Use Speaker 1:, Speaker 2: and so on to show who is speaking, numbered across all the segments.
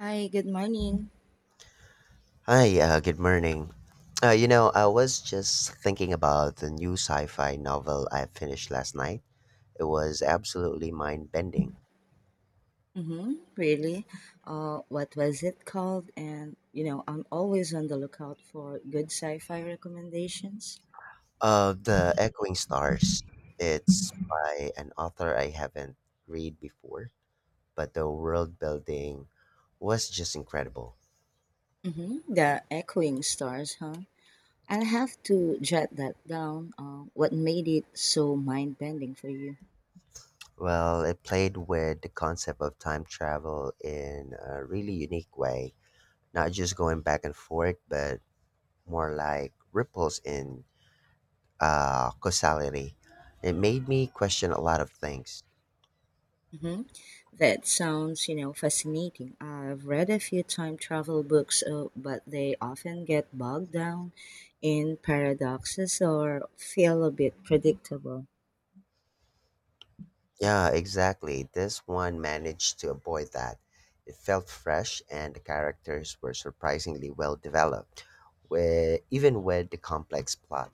Speaker 1: Hi, good morning.
Speaker 2: Hi, good morning. I was just thinking about the new sci-fi novel I finished last night. It was absolutely mind-bending.
Speaker 1: Mm-hmm, really? What was it called? And, I'm always on the lookout for good sci fi recommendations.
Speaker 2: The Echoing Stars. It's by an author I haven't read before, but the world building was just incredible.
Speaker 1: Mm-hmm, the Echoing Stars, huh? I'll have to jot that down. What made it so mind bending for you?
Speaker 2: Well, it played with the concept of time travel in a really unique way, not just going back and forth, but more like ripples in causality. It made me question a lot of things.
Speaker 1: Mm-hmm. That sounds, fascinating. I've read a few time travel books, but they often get bogged down in paradoxes or feel a bit predictable.
Speaker 2: Yeah, exactly. This one managed to avoid that. It felt fresh, and the characters were surprisingly well developed, where, even with the complex plot.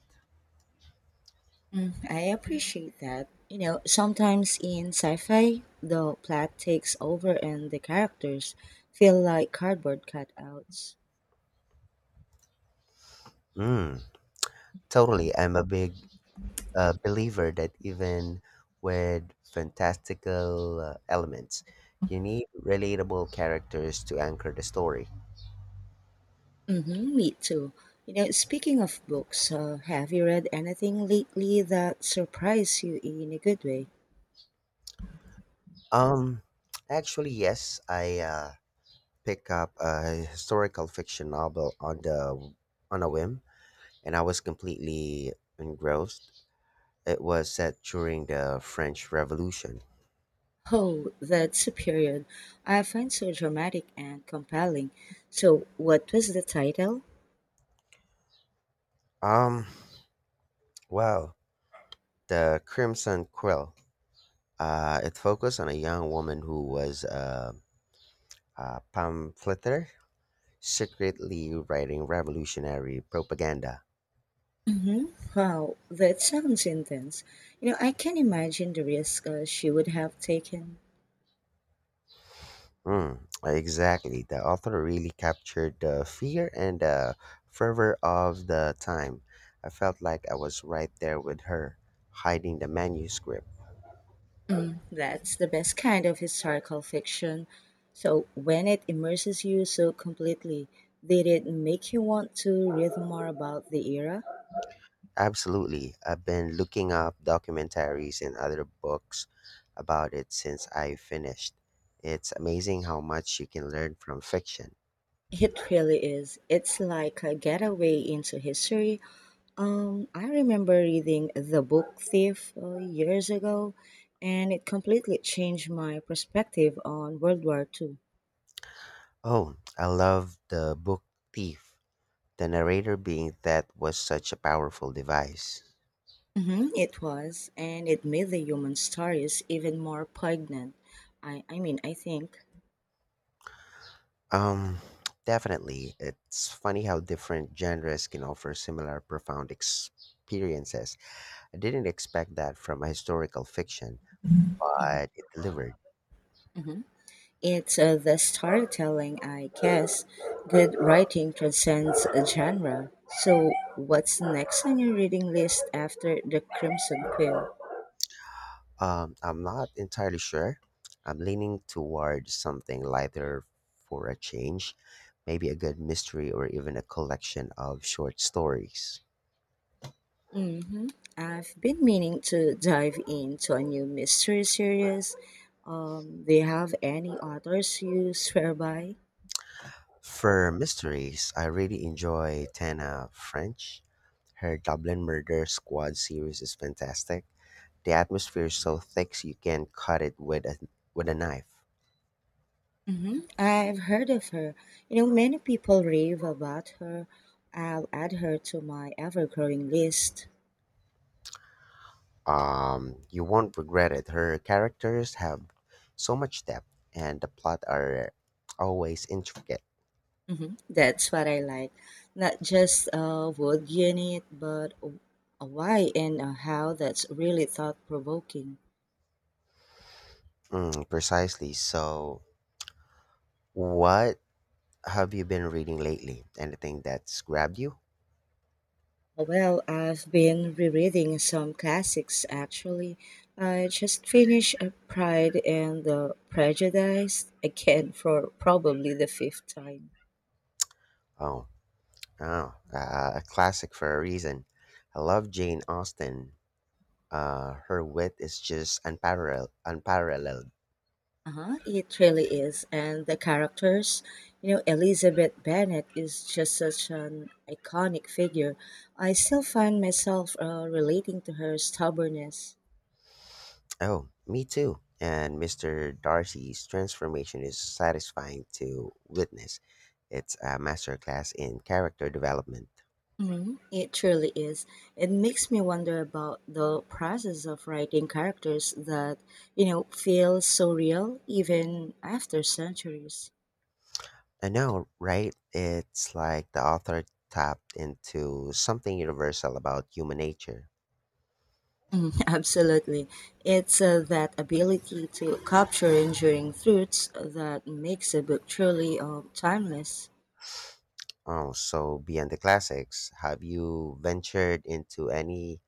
Speaker 1: Mm, I appreciate that. Sometimes in sci fi, the plot takes over and the characters feel like cardboard cutouts.
Speaker 2: Mm, totally. I'm a big believer that even with fantastical elements, you need relatable characters to anchor the story.
Speaker 1: Mm-hmm, me too. Speaking of books, have you read anything lately that surprised you in a good way?
Speaker 2: Um, actually, yes, I pick up a historical fiction novel on a whim, and I was completely engrossed. It was set during the French Revolution.
Speaker 1: Oh, that's a period I find so dramatic and compelling. So, what was the title?
Speaker 2: Um, well, the Crimson Quill. It focused on a young woman who was a pamphleteer, secretly writing revolutionary propaganda.
Speaker 1: Mm-hmm. Wow, that sounds intense. I can imagine the risk she would have taken.
Speaker 2: Mm, exactly. The author really captured the fear and the fervor of the time. I felt like I was right there with her, hiding the manuscript.
Speaker 1: That's the best kind of historical fiction. So, when it immerses you so completely, did it make you want to read more about the era?
Speaker 2: Absolutely. I've been looking up documentaries and other books about it since I finished. It's amazing how much you can learn from fiction.
Speaker 1: It really is. It's like a getaway into history. I remember reading The Book Thief years ago, and it completely changed my perspective on World War II.
Speaker 2: Oh, I love the book Thief. The narrator being that was such a powerful device.
Speaker 1: Mm-hmm, it was, and it made the human stories even more poignant. I mean, I think.
Speaker 2: Um, definitely. It's funny how different genres can offer similar profound experiences. I didn't expect that from a historical fiction, but it delivered.
Speaker 1: It's the storytelling, I guess. Good writing transcends a genre. So, what's next on your reading list after The Crimson Quill?
Speaker 2: I'm not entirely sure. I'm leaning toward something lighter for a change, maybe a good mystery or even a collection of short stories.
Speaker 1: Mm-hmm. I've been meaning to dive into a new mystery series. Do you have any authors you swear by?
Speaker 2: For mysteries, I really enjoy Tana French. Her Dublin Murder Squad series is fantastic. The atmosphere is so thick so you can cut it with a knife.
Speaker 1: I've heard of her. Many people rave about her. I'll add her to my ever-growing list.
Speaker 2: You won't regret it. Her characters have so much depth, and the plot are always intricate.
Speaker 1: That's what I like. Not just a wood unit, but a why and a how that's really thought-provoking.
Speaker 2: Mm, precisely. So, what have you been reading lately? Anything that's grabbed you?
Speaker 1: Well, I've been rereading some classics actually. I just finished Pride and the Prejudice again for probably the fifth time.
Speaker 2: Oh, oh, a classic for a reason. I love Jane Austen. Her wit is just Unparalleled.
Speaker 1: Uh-huh, it really is. And the characters, Elizabeth Bennet is just such an iconic figure. I still find myself relating to her stubbornness.
Speaker 2: Oh, me too. And Mr. Darcy's transformation is satisfying to witness. It's a masterclass in character development.
Speaker 1: Mhm, it truly is. It makes me wonder about the process of writing characters that, feel so real even after centuries.
Speaker 2: I know, right? It's like the author tapped into something universal about human nature.
Speaker 1: Mm, Absolutely. It's that ability to capture enduring truths that makes a book truly timeless.
Speaker 2: Oh, so beyond the classics, have you ventured into any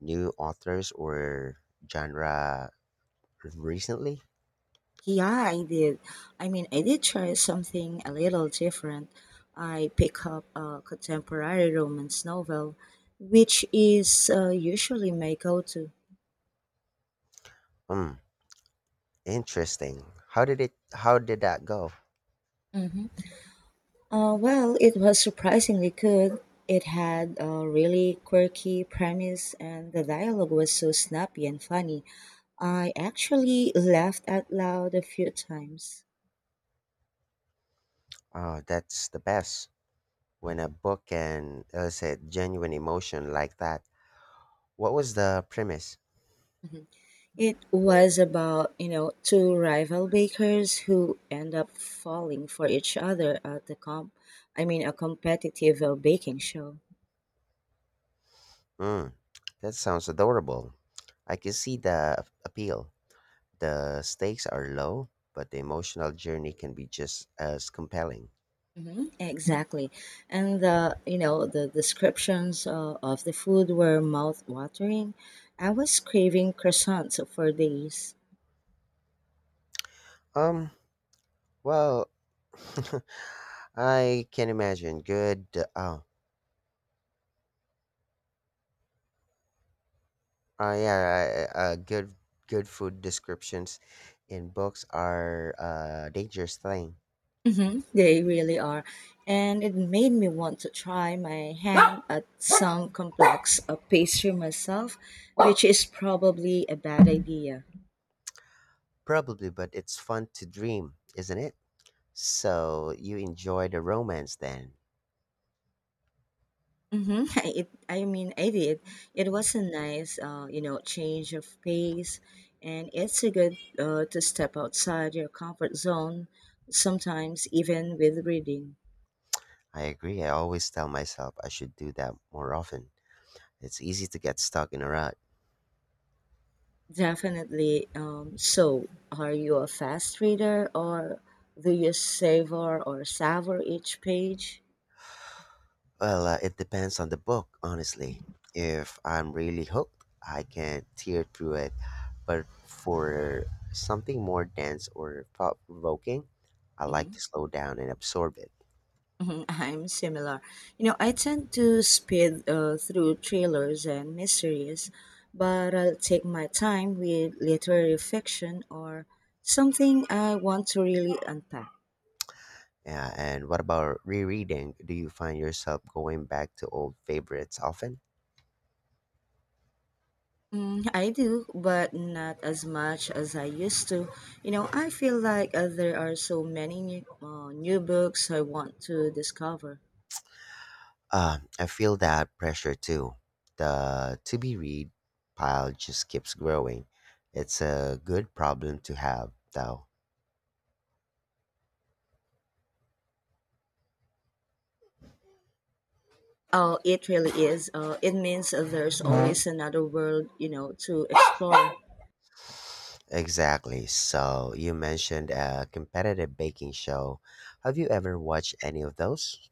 Speaker 2: new authors or genre recently?
Speaker 1: Yeah, I did. I mean, I did try something a little different. I pick up a contemporary romance novel, which is usually my go to.
Speaker 2: Hmm. Interesting. How did that go?
Speaker 1: hmm well, it was surprisingly good. It had a really quirky premise, and the dialogue was so snappy and funny. I actually laughed out loud a few times.
Speaker 2: Oh, that's the best. When a book can elicit genuine emotion like that. What was the premise?
Speaker 1: Mhm. It was about, two rival bakers who end up falling for each other at the comp I mean a competitive baking show.
Speaker 2: Mm, that sounds adorable. I can see the appeal. The stakes are low, but the emotional journey can be just as compelling.
Speaker 1: Mhm, exactly. And the descriptions of the food were mouth-watering. I was craving croissants for days.
Speaker 2: Um, well, I can imagine good. Oh, yeah, good good food descriptions in books are a dangerous thing,
Speaker 1: They really are. And it made me want to try my hand at some complex pastry myself, which is probably a bad idea.
Speaker 2: probably, but it's fun to dream, isn't it? So you enjoy the romance then.
Speaker 1: Mm-hmm. I mean, I did. It was a nice, change of pace, and it's a good to step outside your comfort zone sometimes, even with reading.
Speaker 2: I agree. I always tell myself I should do that more often. It's easy to get stuck in a rut.
Speaker 1: Definitely. So, are you a fast reader, or do you savor each page?
Speaker 2: Well, it depends on the book, honestly. If I'm really hooked, I can tear through it. But for something more dense or thought provoking, I like to slow down and absorb it.
Speaker 1: Mhm, I'm similar. I tend to speed through trailers and mysteries, but I'll take my time with literary fiction or something I want to really unpack.
Speaker 2: Yeah, and what about rereading? Do you find yourself going back to old favorites often?
Speaker 1: Mm, I do, but not as much as I used to. I feel like there are so many new books I want to discover.
Speaker 2: I feel that pressure too. The to be read pile just keeps growing. It's a good problem to have, though.
Speaker 1: Oh, it really is. It means there's always another world, to explore.
Speaker 2: Exactly. So, you mentioned a competitive baking show. Have you ever watched any of those?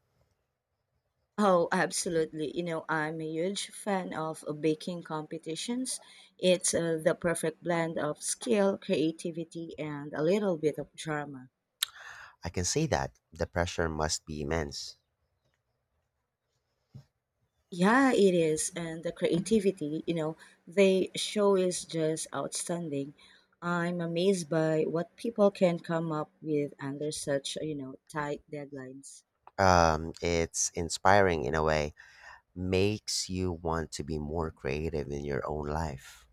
Speaker 1: Oh, absolutely. I'm a huge fan of baking competitions. It's the perfect blend of skill, creativity, and a little bit of drama.
Speaker 2: I can see that. The pressure must be immense.
Speaker 1: Yeah, it is. And the creativity, they show is just outstanding. I'm amazed by what people can come up with under such, tight deadlines.
Speaker 2: It's inspiring in a way makes you want to be more creative in your own life.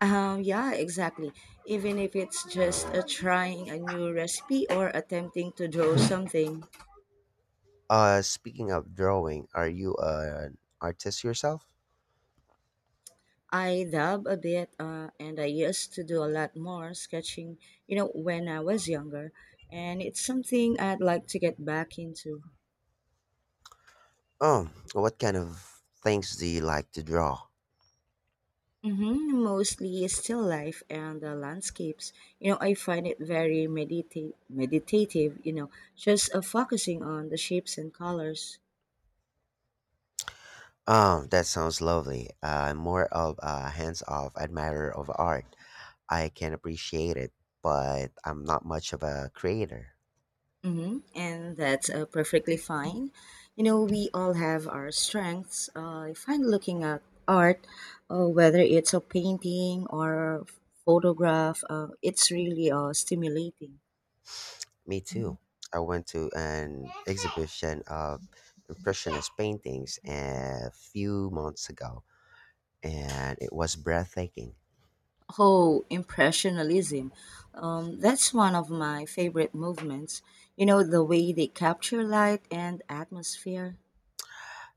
Speaker 1: Yeah, exactly. Even if it's just trying a new recipe or attempting to draw something.
Speaker 2: Speaking of drawing, are you an artist yourself?
Speaker 1: I dab a bit, and I used to do a lot more sketching, when I was younger, and it's something I'd like to get back into.
Speaker 2: Oh, what kind of things do you like to draw?
Speaker 1: Mostly still life and landscapes. I find it very meditative, just focusing on the shapes and colors.
Speaker 2: Oh, that sounds lovely. I'm more of a hands-off admirer of art. I can appreciate it, but I'm not much of a creator.
Speaker 1: And that's perfectly fine. We all have our strengths. I find looking at art, whether it's a painting or photograph, it's really stimulating.
Speaker 2: Me too. I went to an exhibition of impressionist paintings a few months ago, and it was breathtaking.
Speaker 1: Oh, Impressionism. That's one of my favorite movements. The way they capture light and atmosphere.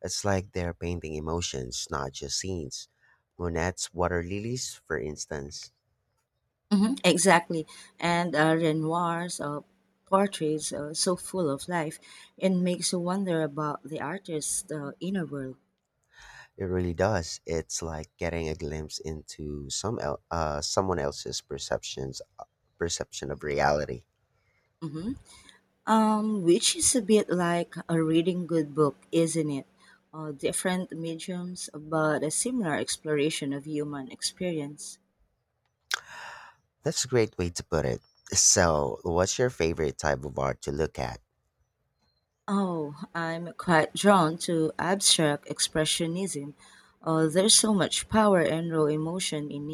Speaker 2: It's like they're painting emotions, not just scenes. Monet's Water Lilies, for instance,
Speaker 1: Exactly. And Renoir's portraits are so full of life and makes you wonder about the artist's inner world.
Speaker 2: it really does. It's like getting a glimpse into someone else's perception of reality.
Speaker 1: hmm which is a bit like a reading good book, isn't it? Different mediums, but a similar exploration of human experience.
Speaker 2: That's a great way to put it. So, what's your favorite type of art to look at?
Speaker 1: Oh, I'm quite drawn to abstract expressionism. There's so much power and raw emotion in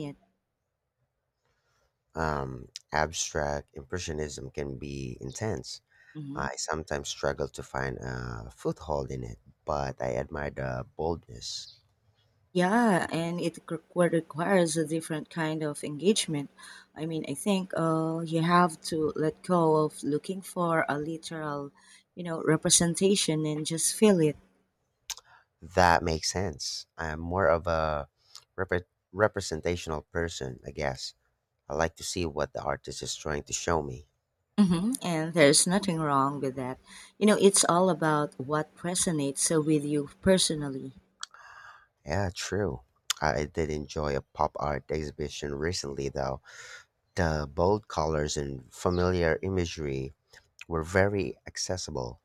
Speaker 2: Abstract impressionism can be intense.
Speaker 1: it.
Speaker 2: I sometimes struggle to find a foothold in it, but I admire the boldness.
Speaker 1: Yeah, and it requires a different kind of engagement. I mean, I think you have to let go of looking for a literal, representation and just feel it.
Speaker 2: That makes sense. I'm more of a repre representational person, I guess. I like to see what the artist is trying to show me.
Speaker 1: And there's nothing wrong with that. It's all about what resonates with you personally.
Speaker 2: Yeah, true. I did enjoy a pop art exhibition recently, though. The bold colors and familiar imagery were very accessible.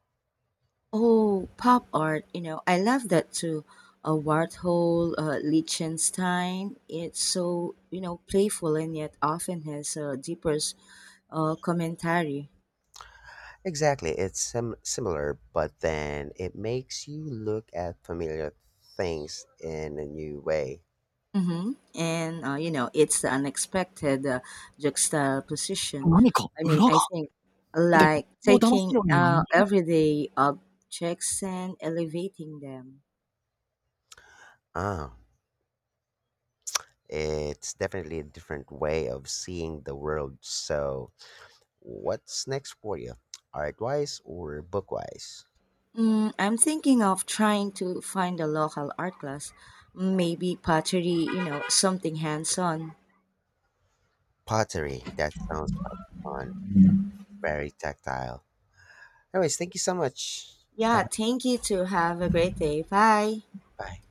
Speaker 1: Oh, pop art, I love that too. Warhol, Liechtenstein, it's so, playful and yet often has a deeper commentary.
Speaker 2: Exactly, it's sim similar, but then it makes you look at familiar things in a new way.
Speaker 1: And, it's the unexpected juxtaposition. I mean, I think like taking
Speaker 2: 何か裏が、でも、人を騙すようには見え、
Speaker 1: everyday objects and elevating them.
Speaker 2: Ah. It's definitely a different way of seeing the world. So, what's next for you? Art wise or book wise?
Speaker 1: Mm, I'm thinking of trying to find a local art class, maybe pottery, something hands on.
Speaker 2: Pottery. That sounds like fun. Very tactile. Anyways, thank you so much. Have
Speaker 1: Yeah,
Speaker 2: a
Speaker 1: thank you too. Have a great day. Bye.
Speaker 2: bye.